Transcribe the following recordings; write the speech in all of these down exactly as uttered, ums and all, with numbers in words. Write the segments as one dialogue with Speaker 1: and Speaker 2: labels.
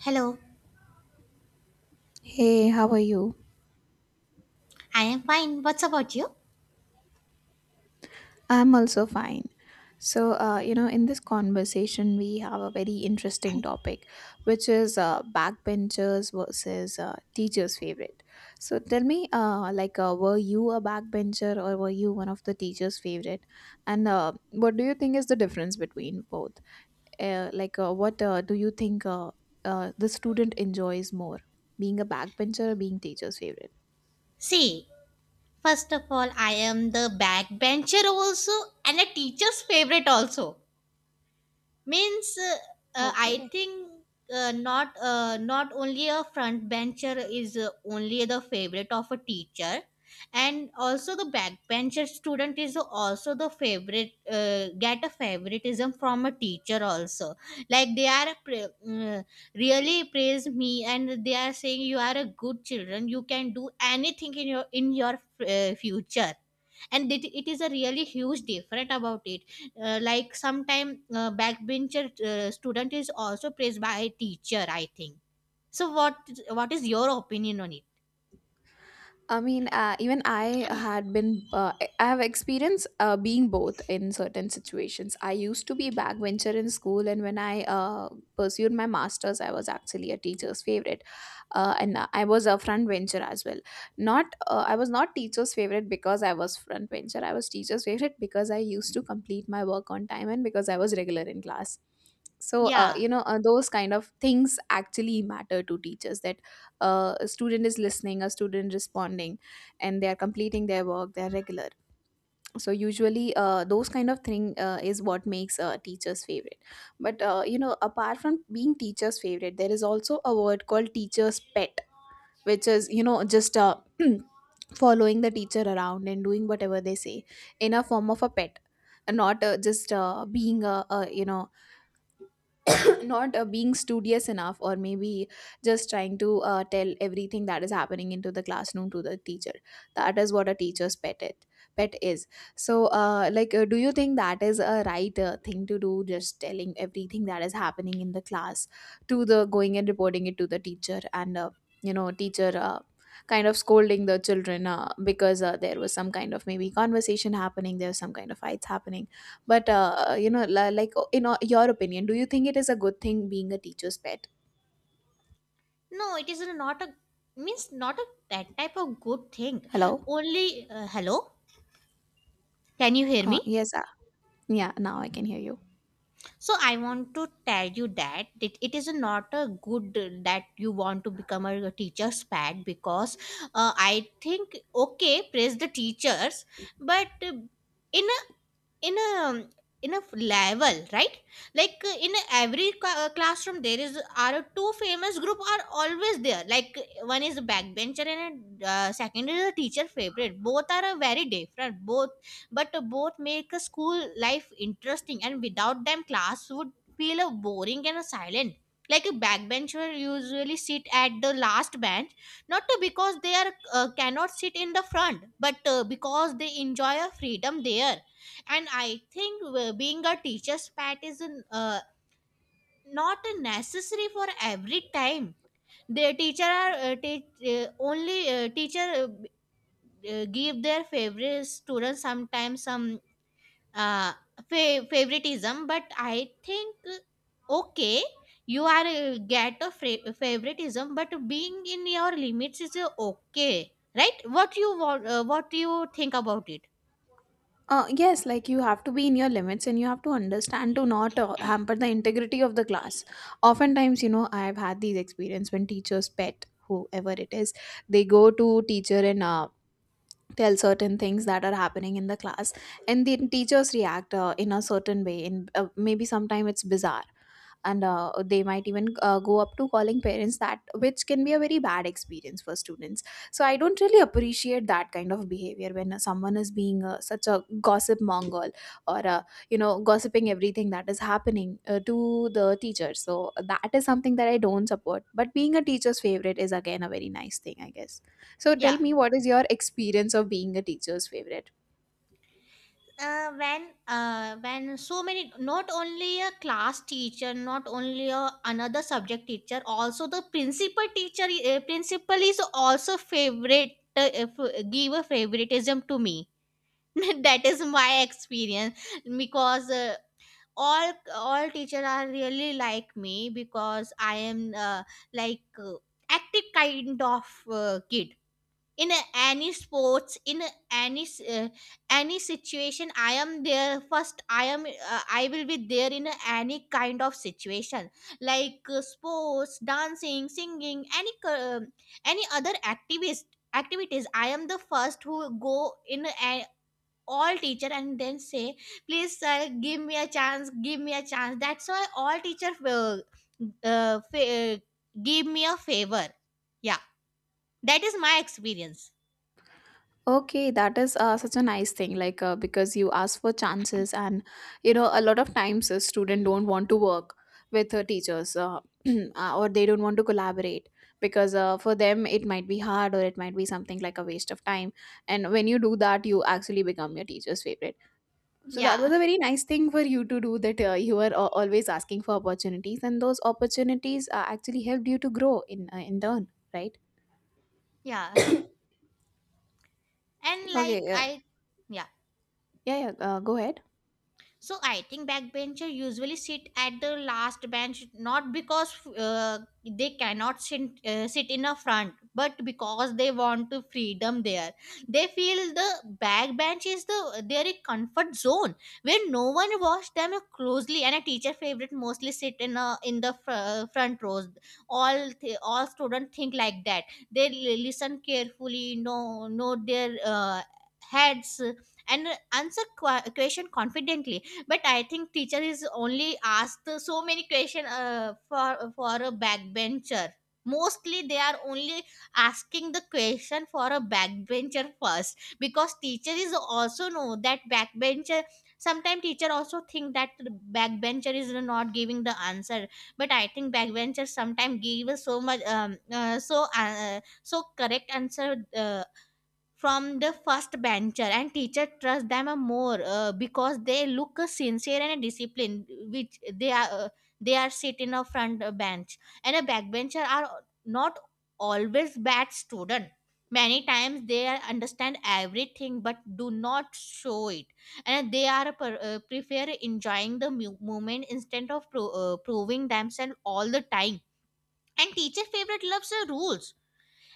Speaker 1: Hello,
Speaker 2: Hey, how are you?
Speaker 1: I am fine. What's about you?
Speaker 2: I'm also fine. So, uh, you know, in this conversation, we have a very interesting topic, which is uh, backbenchers versus uh, teachers' favorite. So, tell me, uh, like, uh, were you a backbencher or were you one of the teachers' favorite? And uh, what do you think is the difference between both? Uh, like, uh, what uh, do you think uh, uh, the student enjoys more, being a backbencher or being teacher's favorite?
Speaker 1: See, first of all, I am the backbencher also and a teacher's favorite also. Means uh, uh, I
Speaker 2: Okay.
Speaker 1: think uh, not uh, not only a front bencher is uh, only the favorite of a teacher, and also the backbencher student is also the favorite, uh, get a favoritism from a teacher also. Like they are pra- uh, really praise me, and they are saying you are a good children, you can do anything in your in your uh, future. And it, it is a really huge difference about it. Uh, like sometime uh, backbencher uh, student is also praised by a teacher, I think. So what what is your opinion on it?
Speaker 2: I mean, uh, even I had been, uh, I have experienced uh, being both in certain situations. I used to be backbencher in school, and when I uh, pursued my master's, I was actually a teacher's favorite, uh, and uh, I was a front bencher as well. Not, uh, I was not teacher's favorite because I was front bencher. I was teacher's favorite because I used to complete my work on time and because I was regular in class. So uh,
Speaker 1: Yeah,
Speaker 2: you know uh, those kind of things actually matter to teachers that uh, a student is listening, a student responding, and they are completing their work, they are regular. So usually uh, those kind of thing uh, is what makes uh, teachers favorite. But uh, you know, apart from being teachers favorite, there is also a word called teachers pet, which is, you know, just uh, following the teacher around and doing whatever they say in a form of a pet, and not uh, just uh, being a, a, you know, not uh, being studious enough, or maybe just trying to uh, tell everything that is happening into the classroom to the teacher. That is what a teacher's pet it, pet is. So uh, like uh, do you think that is a right uh, thing to do, just telling everything that is happening in the class to the going and reporting it to the teacher, and uh, you know teacher uh, kind of scolding the children uh, because uh, there was some kind of maybe conversation happening, there was some kind of fights happening? But uh, you know, li- like uh, in uh, your opinion, do you think it is a good thing being a teacher's pet?
Speaker 1: no it is not a, means not a, that type of good thing.
Speaker 2: Hello.
Speaker 1: Only uh, hello, can you hear
Speaker 2: Uh,
Speaker 1: me?
Speaker 2: yes. Uh, yeah. Now I can hear you.
Speaker 1: So I want to tell you that it, it is not a good uh, that you want to become a teacher's pet, because uh, I think, okay, praise the teachers, but uh, in a in a in a level, right? Like uh, in every ca- uh, classroom, there is are two famous group are always there. Like one is a backbencher and uh, second is a teacher favorite, both are uh, very different, both. But uh, both make a school life interesting, and without them class would feel uh, boring and uh, silent. Like a backbencher usually sit at the last bench, not uh, because they are uh, cannot sit in the front, but uh, because they enjoy a freedom there. And I think uh, being a teacher's pet is an, uh, not a necessary for every time. The teacher are uh, te- uh, only uh, teacher uh, b- uh, give their favorite students sometimes some uh, fa- favoritism. But I think uh, okay, you are uh, get a fra- favoritism, but being in your limits is uh, okay, right? What you want, uh, what you think about it?
Speaker 2: Uh, yes, like you have to be in your limits and you have to understand to not uh, hamper the integrity of the class. Oftentimes, you know, I've had these experience when teachers pet, whoever it is, they go to teacher and uh, tell certain things that are happening in the class, and the teachers react uh, in a certain way. In uh, Maybe sometime it's bizarre, and uh, they might even uh, go up to calling parents, that which can be a very bad experience for students. So I don't really appreciate that kind of behavior when someone is being uh, such a gossip mongol, or uh, you know, gossiping everything that is happening uh, to the teacher. So that is something that I don't support, but being a teacher's favorite is again a very nice thing, I guess. So tell
Speaker 1: Yeah,
Speaker 2: me, what is your experience of being a teacher's favorite?
Speaker 1: uh, when uh, when so many, not only a class teacher, not only a another subject teacher, also the principal teacher, uh, principal is also favorite, uh, if- give a favoritism to me. That is my experience. Because uh, all all teacher are really like me, because I am uh, like uh, active kind of uh, kid. In a- any sports, in a- any s- uh, any situation, I am there first. I am uh, I will be there in a- any kind of situation. Like uh, sports, dancing, singing, any uh, any other activities activities, I am the first who go in a- all teacher and then say, please sir, give me a chance, give me a chance. That's why all teacher uh, uh, fa- uh, give me a favor, yeah. That is my experience.
Speaker 2: Okay, that is uh, such a nice thing. Like, uh, because you ask for chances, and you know, a lot of times a student don't want to work with uh, teachers, uh, uh, or they don't want to collaborate because uh, for them it might be hard or it might be something like a waste of time. And when you do that, you actually become your teacher's favorite. So that
Speaker 1: Yeah.
Speaker 2: was a very nice thing for you to do. That uh, you were uh, always asking for opportunities, and those opportunities uh, actually helped you to grow in uh, in turn, right?
Speaker 1: Yeah. And
Speaker 2: Okay.
Speaker 1: like
Speaker 2: Uh,
Speaker 1: I, yeah.
Speaker 2: yeah, yeah. Uh, Go ahead.
Speaker 1: So I think backbencher usually sit at the last bench, not because uh, they cannot sit, uh, sit in a front, but because they want to freedom there. They feel the backbench is the their comfort zone where no one watch them closely. And a teacher favorite mostly sit in a in the fr- front rows. All th- all students think like that. They li- listen carefully, know know their uh, heads, and answer qu- question confidently. But I think teacher is only asked so many question uh, for for a backbencher. Mostly they are only asking the question for a backbencher first, because teacher is also know that backbencher, sometimes teacher also think that the backbencher is not giving the answer. But I think backbencher sometimes give so much um, uh, so uh, so correct answer uh, from the first bencher, and teacher trust them a more uh, because they look a sincere and disciplined, which they are uh, they are sit in a front uh, bench. And a backbencher are not always bad student. Many times they are understand everything but do not show it, and they are uh, per, uh, prefer enjoying the mu- moment instead of pro, uh, proving themselves all the time. And teacher favorite loves the rules,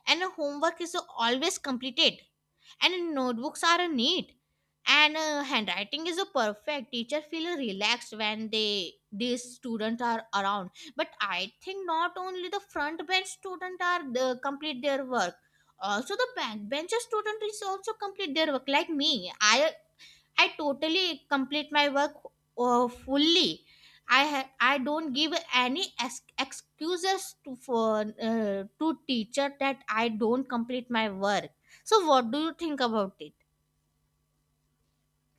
Speaker 1: and a homework is always completed, and notebooks are neat, and uh, handwriting is a perfect. Teacher feel relaxed when they these students are around. But I think not only the front bench student are the complete their work, also the back bench student is also complete their work. Like me, i I totally complete my work uh, fully. I ha- I don't give any ex- excuses to for uh, to teacher that I don't complete my work. So what do you think about it?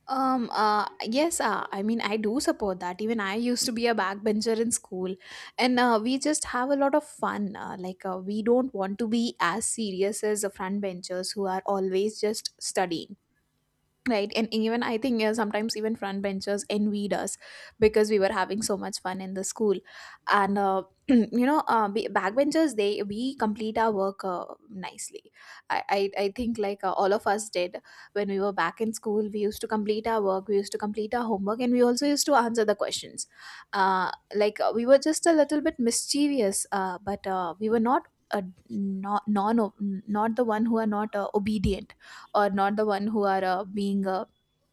Speaker 2: Um, uh, yes, uh, I mean, I do support that. Even I used to be a backbencher in school, and uh, we just have a lot of fun. Uh, like, uh, we don't want to be as serious as the frontbenchers who are always just studying. Right, and even I think uh, sometimes even front benchers envied us because we were having so much fun in the school, and uh, you know, uh, be- backbenchers, they, we complete our work uh, nicely. I, I I think, like uh, all of us did when we were back in school. We used to complete our work, we used to complete our homework, and we also used to answer the questions. Uh, like uh, we were just a little bit mischievous, uh, but uh, we were not. Uh, not non Not the one who are not uh, obedient, or not the one who are uh, being uh,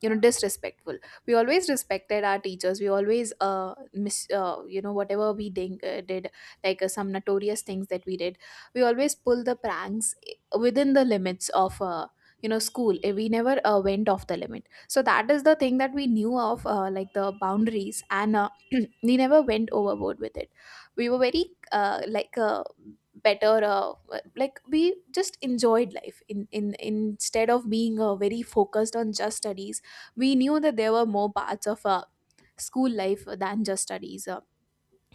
Speaker 2: you know, disrespectful. We always respected our teachers. We always uh, mis- uh you know, whatever we ding- uh, did, like uh, some notorious things that we did, we always pull the pranks, eh, within the limits of uh, you know, school. Uh, we never uh, went off the limit. So that is the thing that we knew of, uh, like the boundaries, and uh, we never went overboard with it. We were very uh, like uh, better uh, like, we just enjoyed life in, in instead of being uh, very focused on just studies. We knew that there were more parts of uh, school life than just studies. Uh,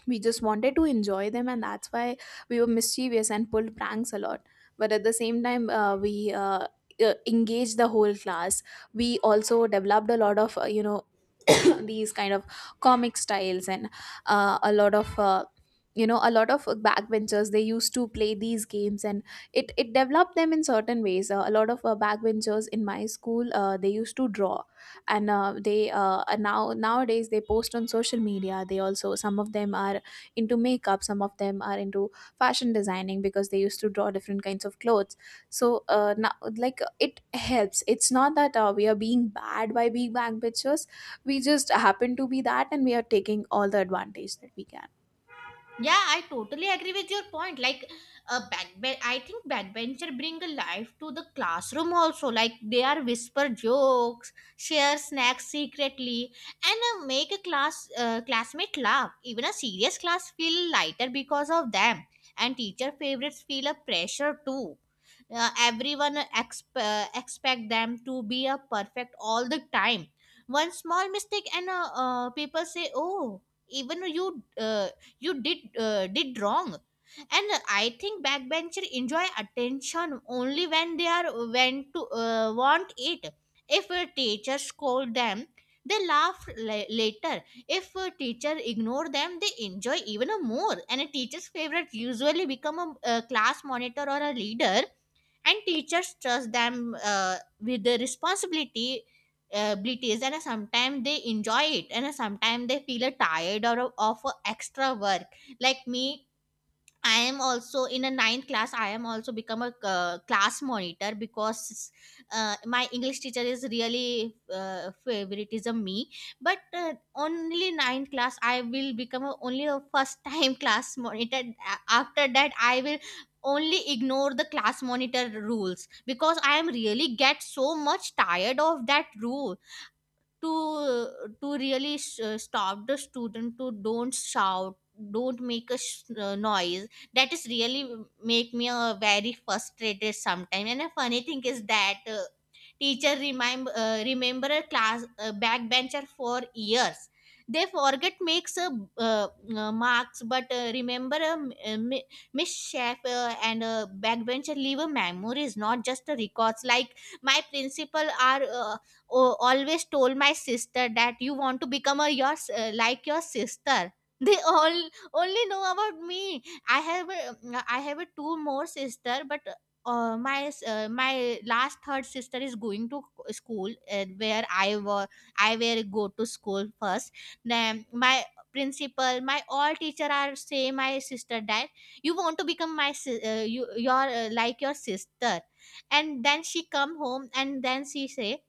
Speaker 2: We just wanted to enjoy them, and that's why we were mischievous and pulled pranks a lot. But at the same time, uh, we uh, uh, engaged the whole class. We also developed a lot of uh, you know, these kind of comic styles, and uh, a lot of uh, you know, a lot of backbenchers, they used to play these games, and it it developed them in certain ways. Uh, a lot of uh, backbenchers in my school, uh, they used to draw, and uh, they uh, and now nowadays, they post on social media. They also, some of them are into makeup, some of them are into fashion designing because they used to draw different kinds of clothes. So uh, now, like, it helps. It's not that uh, we are being bad by being bang bitches. We just happen to be that, and we are taking all the advantage that we can.
Speaker 1: Yeah, I totally agree with your point. Like, a backbench, I think backbencher bring a life to the classroom also. Like, they are whisper jokes, share snacks secretly, and uh, make a class uh, classmate laugh. Even a serious class feel lighter because of them. And teacher favorites feel a pressure too. Uh, everyone exp- uh, expect them to be a perfect all the time. One small mistake and uh, uh, people say, "Oh, even you." Uh, you did uh, did wrong. And I think backbencher enjoy attention only when they are, when to uh, want it. If a teacher scold them, they laugh la- later. If a teacher ignore them, they enjoy even more. And a teacher's favorite usually become a, a class monitor or a leader, and teachers trust them uh, with the responsibility uh, abilities, and sometimes they enjoy it, and sometimes they feel uh, tired or of uh, extra work. Like me, I am also in a ninth class. I am also become a uh, class monitor, because uh, my English teacher is really uh, favoritism me. But uh, only ninth class, I will become a, only a first time class monitor. A- After that, I will only ignore the class monitor rules, because I am really get so much tired of that rule to to really s uh, stop the student to don't shout, don't make a sh- uh, noise. That is really make me a very frustrated sometime. And a funny thing is that uh, teacher remind, uh, remember a class uh, backbencher for years. They forget makes uh, uh, uh, marks, but uh, remember a m- a mi- Miss Schaefer. And a backbencher leave a memories, not just a records. Like my principal are uh, o- always told my sister that you want to become a your s- uh, like your sister. They all only know about me. I have a, I have a two more sister, but uh, my s- uh, my last third sister is going to school uh, where I were I were go to school first. Then my principal, my all teacher are say my sister died. You want to become my si- uh, you your uh, like your sister, and then she come home and then she say,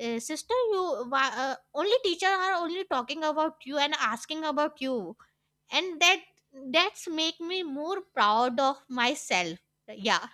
Speaker 1: "Uh, sister, you wha- uh, only teacher are only talking about you and asking about you, and that that's make me more proud of myself, yeah.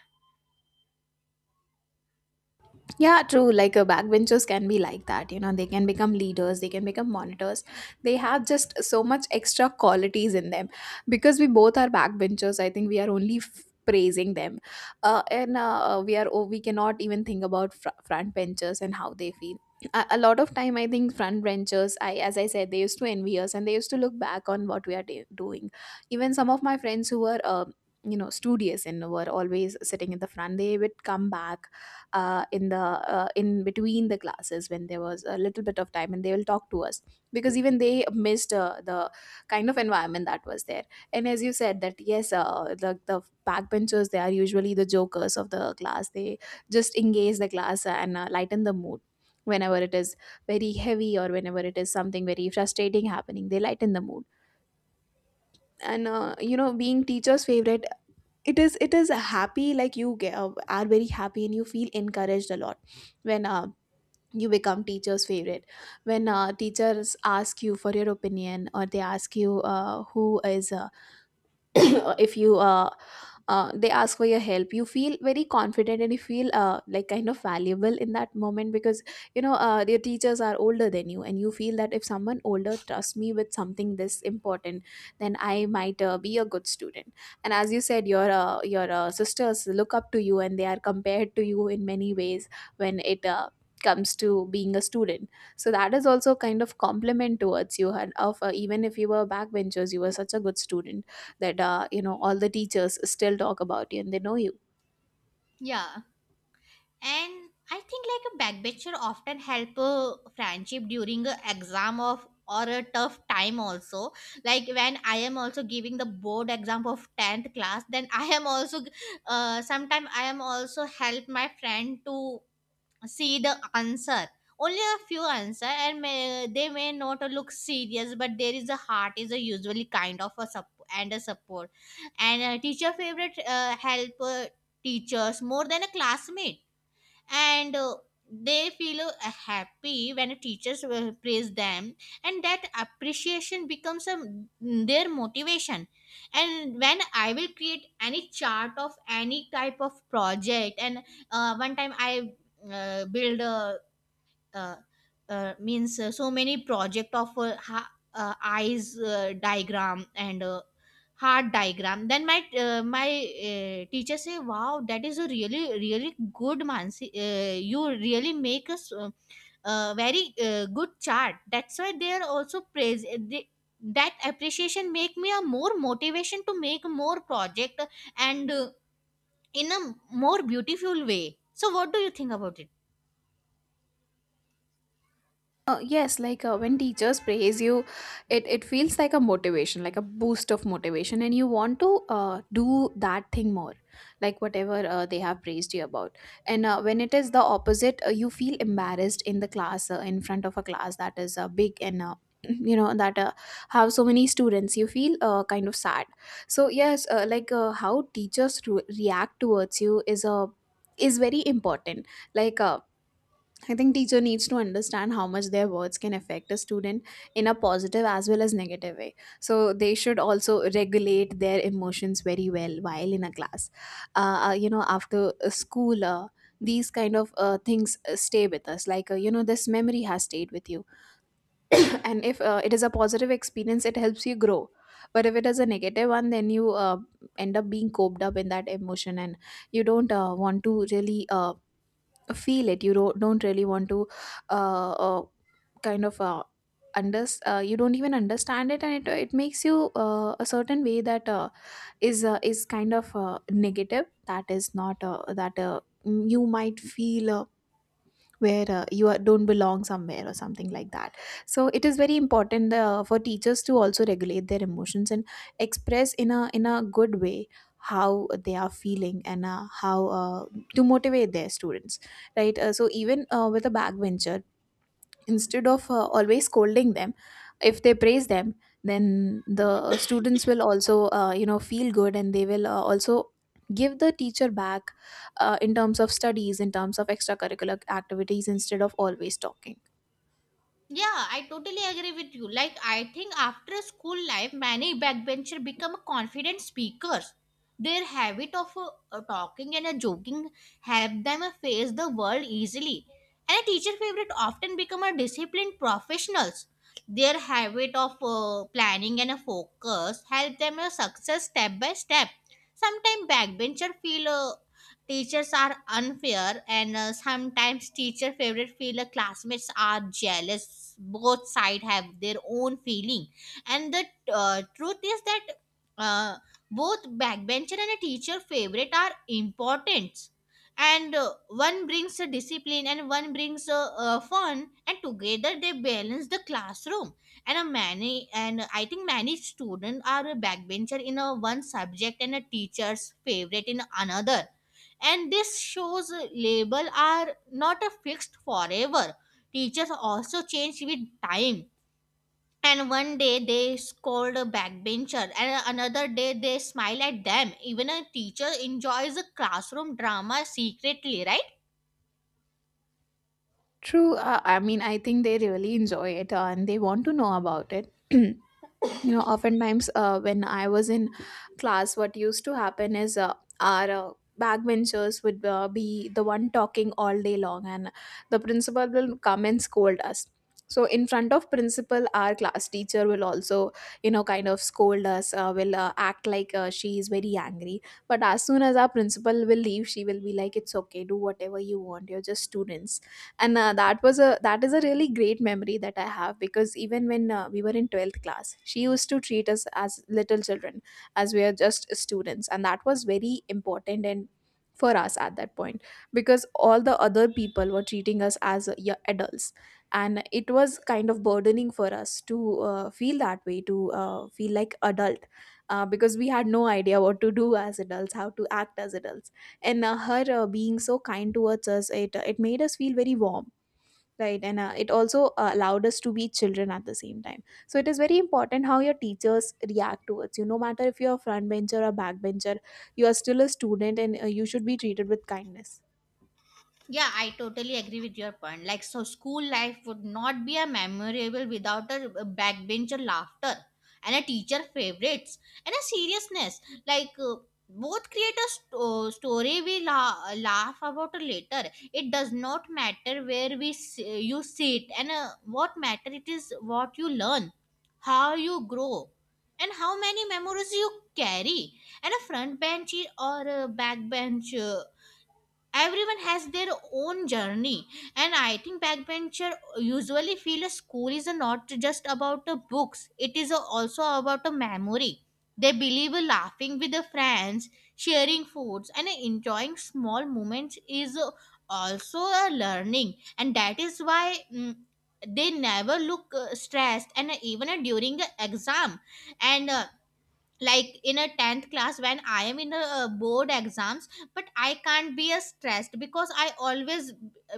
Speaker 2: Yeah, true. Like, uh, backbenchers can be like that. You know, they can become leaders, they can become monitors. They have just so much extra qualities in them. Because we both are backbenchers, I think we are only f- praising them, uh, and uh, uh, we are, oh, we cannot even think about fr- front benchers and how they feel. A, a lot of time, I think front benchers, I, as I said, they used to envy us and they used to look back on what we are de- doing. Even some of my friends who were. Uh, you know, studious and were always sitting in the front, they would come back uh, in the uh, in between the classes when there was a little bit of time, and they will talk to us because even they missed uh, the kind of environment that was there. And as you said, that yes, uh, the, the backbenchers, they are usually the jokers of the class. They just engage the class and uh, lighten the mood whenever it is very heavy, or whenever it is something very frustrating happening, they lighten the mood. And uh, you know, being teacher's favorite, it is it is a happy, like you get, uh, are very happy, and you feel encouraged a lot when uh, you become teacher's favorite. When uh, teachers ask you for your opinion, or they ask you uh, who is uh, if you uh, uh, they ask for your help, you feel very confident and you feel uh, like kind of valuable in that moment because you know, uh, your teachers are older than you, and you feel that if someone older trusts me with something this important, then I might uh, be a good student. And as you said, your uh, your uh, sisters look up to you, and they are compared to you in many ways when it uh, comes to being a student. So that is also kind of compliment towards you, and of uh, even if you were backbenchers, you were such a good student that uh, you know, all the teachers still talk about you and they know you.
Speaker 1: Yeah. And I think like a backbencher often help a friendship during a exam of or a tough time also. Like when I am also giving the board exam of tenth class, then I am also uh, sometime I am also help my friend to see the answer. Only a few answer and may, they may not look serious, but there is a heart is a usually kind of a support and a support. And a teacher favorite uh, help uh, teachers more than a classmate, and uh, they feel uh, happy when teachers will praise them, and that appreciation becomes a, their motivation. And when I will create any chart of any type of project, and uh, one time I uh, build a uh, uh, means uh, so many project of uh, ha- uh, eyes uh, diagram and uh, heart diagram. Then my uh, my uh, teacher say, wow, that is a really really good mansi, uh, you really make us uh, uh, very uh, good chart. That's why they are also praise uh, they, that appreciation make me a more motivation to make more project, and uh, in a more beautiful way. So what do you think about it?
Speaker 2: Uh, yes, like uh, when teachers praise you, it, it feels like a motivation, like a boost of motivation, and you want to uh, do that thing more, like whatever uh, they have praised you about. And uh, when it is the opposite, uh, you feel embarrassed in the class, uh, in front of a class that is uh, big and uh, you know that uh, have so many students. You feel uh, kind of sad. So yes, uh, like uh, how teachers re- react towards you is a is very important. Like. Uh, I think teacher needs to understand how much their words can affect a student in a positive as well as negative way. So they should also regulate their emotions very well while in a class. Uh, uh, you know, after uh, school, uh, these kind of uh, things uh, stay with us. Like uh, you know, this memory has stayed with you, and if uh, it is a positive experience, it helps you grow. But if it is a negative one, then you uh, end up being coped up in that emotion, and you don't uh, want to really. Uh, feel it you don't, don't really want to uh, uh kind of uh, under uh, you don't even understand it and it, it makes you uh, a certain way that uh, is uh, is kind of uh, negative, that is not uh, that uh, you might feel uh, where uh, you are, don't belong somewhere or something like that. So it is very important uh, for teachers to also regulate their emotions and express in a in a good way how they are feeling and uh, how uh, to motivate their students, right? Uh, so even uh, with a backbencher, instead of uh, always scolding them, if they praise them, then the students will also uh, you know, feel good, and they will uh, also give the teacher back uh, in terms of studies, in terms of extracurricular activities, instead of always talking.
Speaker 1: Yeah, I totally agree with you. Like, I think after school life, many backbencher become confident speakers. Their habit of uh, uh, talking and uh, joking help them uh, face the world easily. And a teacher favorite often become a disciplined professionals. Their habit of uh, planning and uh, focus help them uh, success step by step. Sometimes backbencher feel uh, teachers are unfair, and uh, sometimes teacher favorite feel uh, classmates are jealous. Both side have their own feeling, and the uh, truth is that uh, both backbencher and a teacher favorite are important. And uh, one brings a discipline, and one brings a, uh fun, and together they balance the classroom and a many and I think many students are a backbencher in a one subject and a teacher's favorite in another, and this shows label are not a fixed forever. Teachers also change with time, and one day they scold a backbencher and another day they smile at them, even a teacher enjoys a classroom drama secretly, right?
Speaker 2: True. Uh, I mean, I think they really enjoy it uh, and they want to know about it. You know, oftentimes uh, when I was in class, what used to happen is uh, our uh, backbenchers would uh, be the one talking all day long, and the principal will come and scold us. So in front of principal, our class teacher will also, you know, kind of scold us, uh, will uh, act like uh, she is very angry. But as soon as our principal will leave, she will be like, it's okay, do whatever you want, you're just students. And uh, that was a that is a really great memory that I have, because even when uh, we were in twelfth class, she used to treat us as little children, as we are just students, and that was very important, and for us at that point, because all the other people were treating us as uh, y- adults, and it was kind of burdening for us to uh, feel that way, to uh, feel like adult, uh, because we had no idea what to do as adults, how to act as adults. And uh, her uh, being so kind towards us, it uh, it made us feel very warm, right? And uh, it also uh, allowed us to be children at the same time. So it is very important how your teachers react towards you, no matter if you're a front bencher or back bencher, you are still a student, and uh, you should be treated with kindness.
Speaker 1: Yeah, I totally agree with your point. Like, so school life would not be a memorable without a a backbencher laughter and a teacher favorites and a seriousness. Like, uh, both create a st- uh, story we la- laugh about later. It does not matter where we s- you sit and uh, what matter it is what you learn, how you grow, and how many memories you carry. And a front bench or a back bench, everyone has their own journey, and I think backbencher usually feel a school is not just about the books, it is also about a memory. They believe laughing with the friends, sharing foods and enjoying small moments is also a learning, and that is why mm, they never look uh, stressed, and even during the exam and uh, like in a tenth class when I am in a, uh, board exams, but I can't be a stressed because I always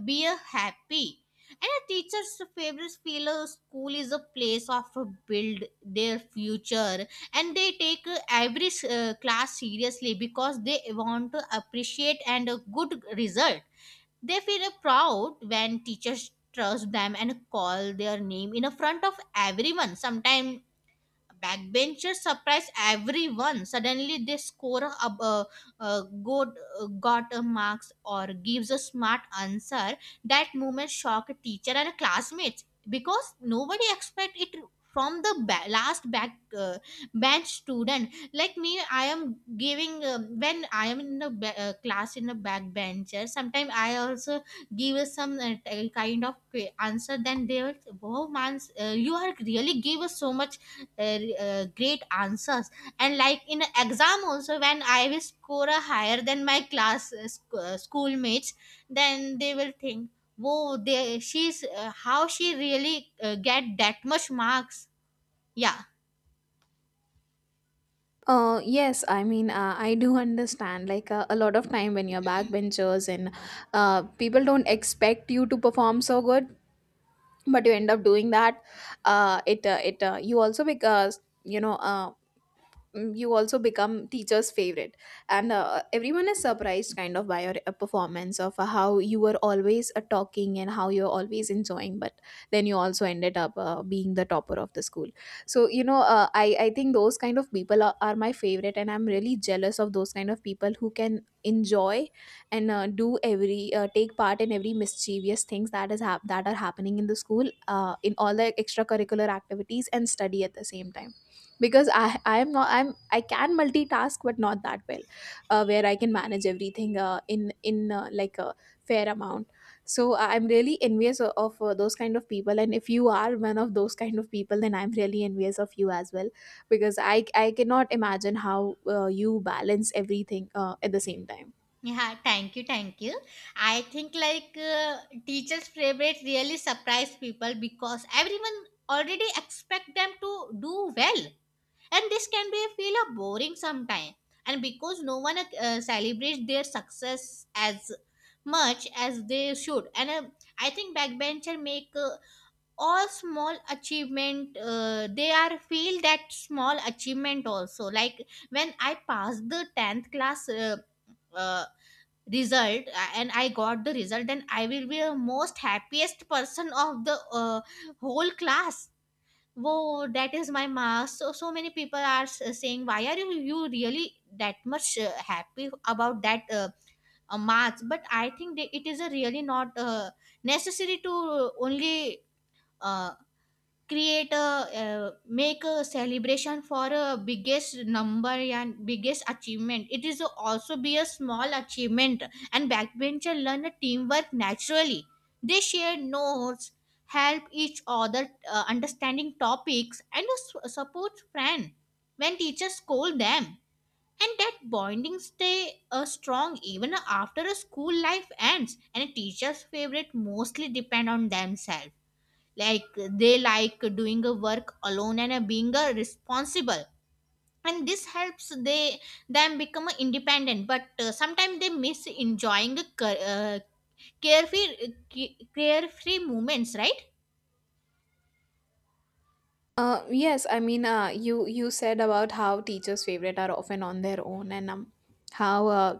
Speaker 1: be a happy. And a teacher's favorite feel a school is a place of a build their future, and they take uh, every uh, class seriously because they want to appreciate and a good result. They feel proud when teachers trust them and call their name in a front of everyone. Sometimes backbenchers surprise everyone. Suddenly, they score a, a, a good uh, got a marks or gives a smart answer. That moment shock a teacher and classmates because nobody expect it from the ba- last back uh, bench student like me. I am giving um, when I am in the ba- uh, class in the back bencher, sometimes I also give us some uh, t- kind of que- answer, then they will oh man, uh, you are really give us so much uh, uh, great answers. And like in a exam also, when I will score a higher than my class uh, sc- uh, schoolmates, then they will think whoa, they she's uh, how she really uh, get that much marks. Yeah.
Speaker 2: uh, Yes, I mean, uh, I do understand. Like uh, a lot of time when you're backbenchers and uh, people don't expect you to perform so good, but you end up doing that. Uh, it uh, it uh, You also, because you know uh, mm, you also become teacher's favorite, and uh, everyone is surprised kind of by your uh, performance, of how you were always uh, talking and how you're always enjoying, but then you also ended up uh, being the topper of the school. So you know, uh, i i think those kind of people are, are my favorite, and I'm really jealous of those kind of people who can enjoy and uh, do every uh, take part in every mischievous things that is hap- that are happening in the school, uh, in all the extracurricular activities, and study at the same time. Because i i'm not i'm I can multitask, but not that well, uh, where I can manage everything uh, in in uh, like a fair amount. So I'm really envious of, of uh, those kind of people, and if you are one of those kind of people, then I'm really envious of you as well, because i i cannot imagine how uh, you balance everything uh, at the same time.
Speaker 1: Yeah, thank you, thank you. I think like uh, teachers favorite really surprise people because everyone already expect them to do well, and this can be feel a boring sometime, and because no one uh, celebrates their success as much as they should. And uh, I think backbencher make uh, all small achievement, uh, they are feel that small achievement also, like when I passed the tenth class uh, uh, result uh, and I got the result, then I will be the most happiest person of the uh, whole class. Whoa, that is my mask. So, so many people are s- saying, why are you, you really that much uh, happy about that uh, uh, mask? But I think that it is a really not uh, necessary to only uh, create a uh, make a celebration for a biggest number and biggest achievement, it is also be a small achievement. And backbencher learn a teamwork naturally. They share notes, help each other, uh, understanding topics and a support friend when teachers scold them, and that bonding stay uh, strong even after a school life ends. And a teacher's favorite mostly depend on themselves. Like, they like doing a work alone and uh, being uh, responsible, and this helps they them become uh, independent, but uh, sometimes they miss enjoying uh, ca- uh, carefree carefree moments, right?
Speaker 2: Uh, yes, I mean, uh, you you said about how teachers' favorite are often on their own, and um, how uh,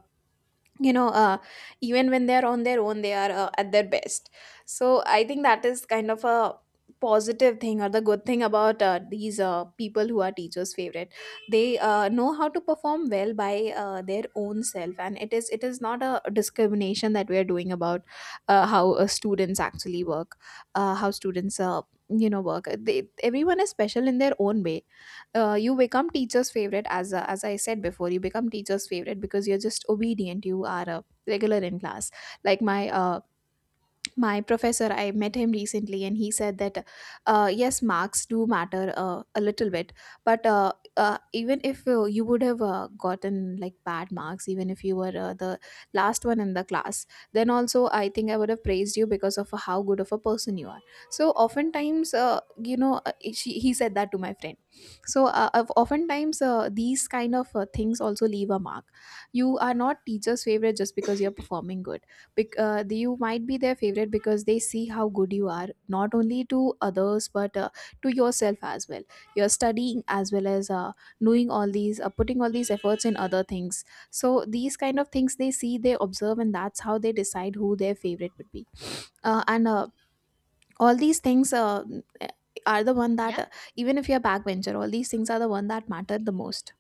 Speaker 2: you know, uh, even when they are on their own, they are uh, at their best. So I think that is kind of a positive thing, or the good thing about uh, these uh, people who are teachers favorite. They uh, know how to perform well by uh, their own self, and it is it is not a discrimination that we are doing about uh, how uh, students actually work, uh, how students uh, you know, work. They, everyone is special in their own way. Uh, you become teacher's favorite, as uh, as I said before, you become teacher's favorite because you're just obedient, you are uh, regular in class. Like my uh, my professor, I met him recently, and he said that, uh, yes, marks do matter uh, a little bit, but uh, uh, even if uh, you would have uh, gotten like bad marks, even if you were uh, the last one in the class, then also I think I would have praised you because of how good of a person you are. So oftentimes uh, you know, uh, she, he said that to my friend. So uh, of- oftentimes uh, these kind of uh, things also leave a mark. You are not teacher's favorite just because you're performing good, bec- uh, the- you might be their favorite because they see how good you are, not only to others, but uh, to yourself as well. You're studying, as well as uh, doing all these uh, putting all these efforts in other things. So these kind of things, they see, they observe, and that's how they decide who their favorite would be. Uh, and uh, all these things uh, are the one that
Speaker 1: Yeah.
Speaker 2: uh, even if you're a backbencher, all these things are the one that matter the most.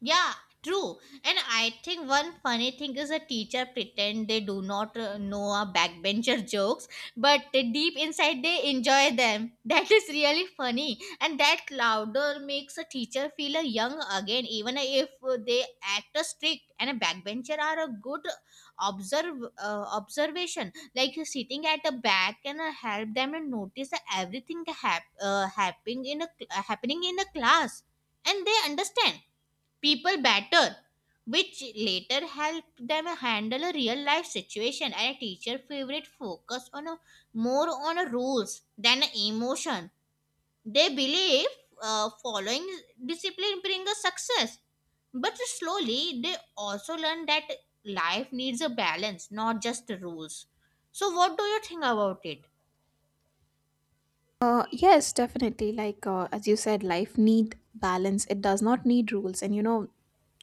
Speaker 1: Yeah, true. And I think one funny thing is a teacher pretend they do not uh, know our backbencher jokes, but uh, deep inside they enjoy them. That is really funny, and that louder makes a teacher feel uh, young again, even if uh, they act uh, strict. And a backbencher are a good observe uh, observation, like uh, sitting at the back and uh, help them and notice everything hap- uh, happening in a cl- uh, happening in a class, and they understand people better, which later helped them handle a real life situation. And a teacher favorite focus on a, more on a rules than a emotion. They believe uh, following discipline bring a success, but slowly they also learn that life needs a balance, not just rules. So, what do you think about it?
Speaker 2: uh, Yes, definitely. Like uh, as you said, life need balance. It does not need rules. And you know,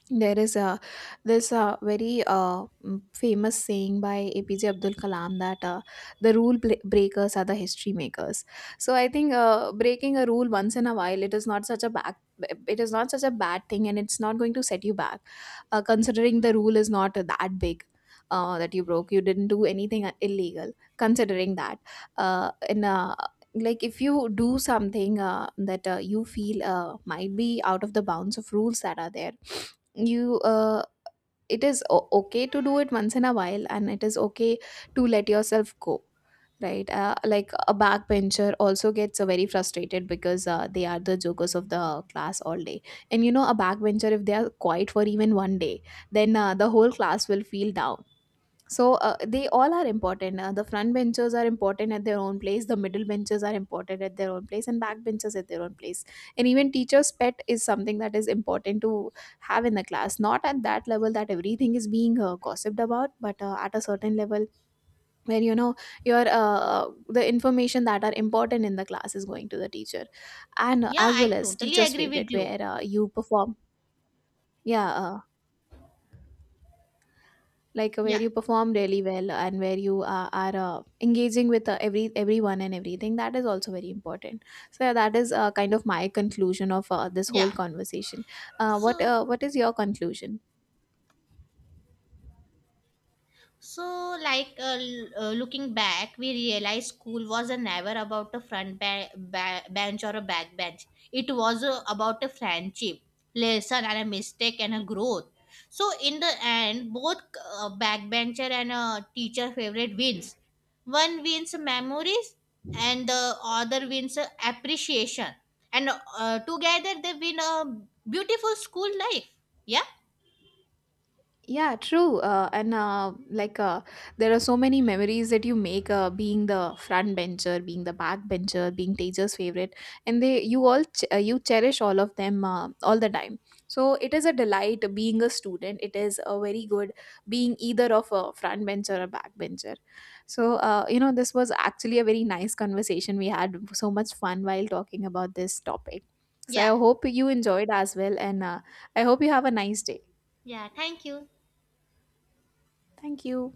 Speaker 2: there is a this uh, very uh, mm, famous saying by APJ Abdul Kalam, that uh, the rule bla- breakers are the history makers. So I think uh, breaking a rule once in a while, it is not such a back it is not such a bad thing, and it's not going to set you back, uh, considering the rule is not that big, uh, that you broke, you didn't do anything illegal. Considering that, uh, in uh, like, if you do something uh, that uh, you feel uh, might be out of the bounds of rules that are there, you uh, it is o- okay to do it once in a while, and it is okay to let yourself go, right? Uh, like a backbencher also gets uh, very frustrated, because uh, they are the jokers of the class all day. And you know, a backbencher, if they are quiet for even one day, then uh, the whole class will feel down. So uh, they all are important. Uh, the front benchers are important at their own place. The middle benchers are important at their own place, and back benchers at their own place. And even teachers' pet is something that is important to have in the class. Not at that level that everything is being uh, gossiped about, but uh, at a certain level where, you know, your uh, the information that are important in the class is going to the teacher, and uh,
Speaker 1: Yeah,
Speaker 2: as
Speaker 1: I
Speaker 2: well as
Speaker 1: totally
Speaker 2: teachers'
Speaker 1: agree with
Speaker 2: favorite
Speaker 1: you.
Speaker 2: where uh, you perform. Yeah, uh, like uh, where
Speaker 1: Yeah,
Speaker 2: you perform really well and where you are, are uh, engaging with uh, every everyone and everything, that is also very important. So yeah, that is uh, kind of my conclusion of uh, this
Speaker 1: yeah.
Speaker 2: whole conversation. Uh, what
Speaker 1: So,
Speaker 2: uh, what is your conclusion?
Speaker 1: So, like uh, l- uh, looking back, we realized school was a never about a front ba- ba- bench or a back bench. It was uh, about a friendship, lesson, and a mistake and a growth. So, in the end, both uh, backbencher and uh, teacher favorite wins. One wins memories, and the other wins uh, appreciation. And uh, together they win a beautiful school life. Yeah,
Speaker 2: Yeah, true. Uh, and uh, like uh, there are so many memories that you make uh, being the front bencher, being the back bencher, being teacher's favorite, and they you all ch- uh, you cherish all of them uh, all the time. So it is a delight being a student. It is a very good being either of a front bencher or back bencher. So uh, you know, this was actually a very nice conversation. We had so much fun while talking about this topic. So I
Speaker 1: yeah,
Speaker 2: hope you enjoyed as well, and uh, I hope you have a nice day.
Speaker 1: yeah. Thank you.
Speaker 2: Thank you.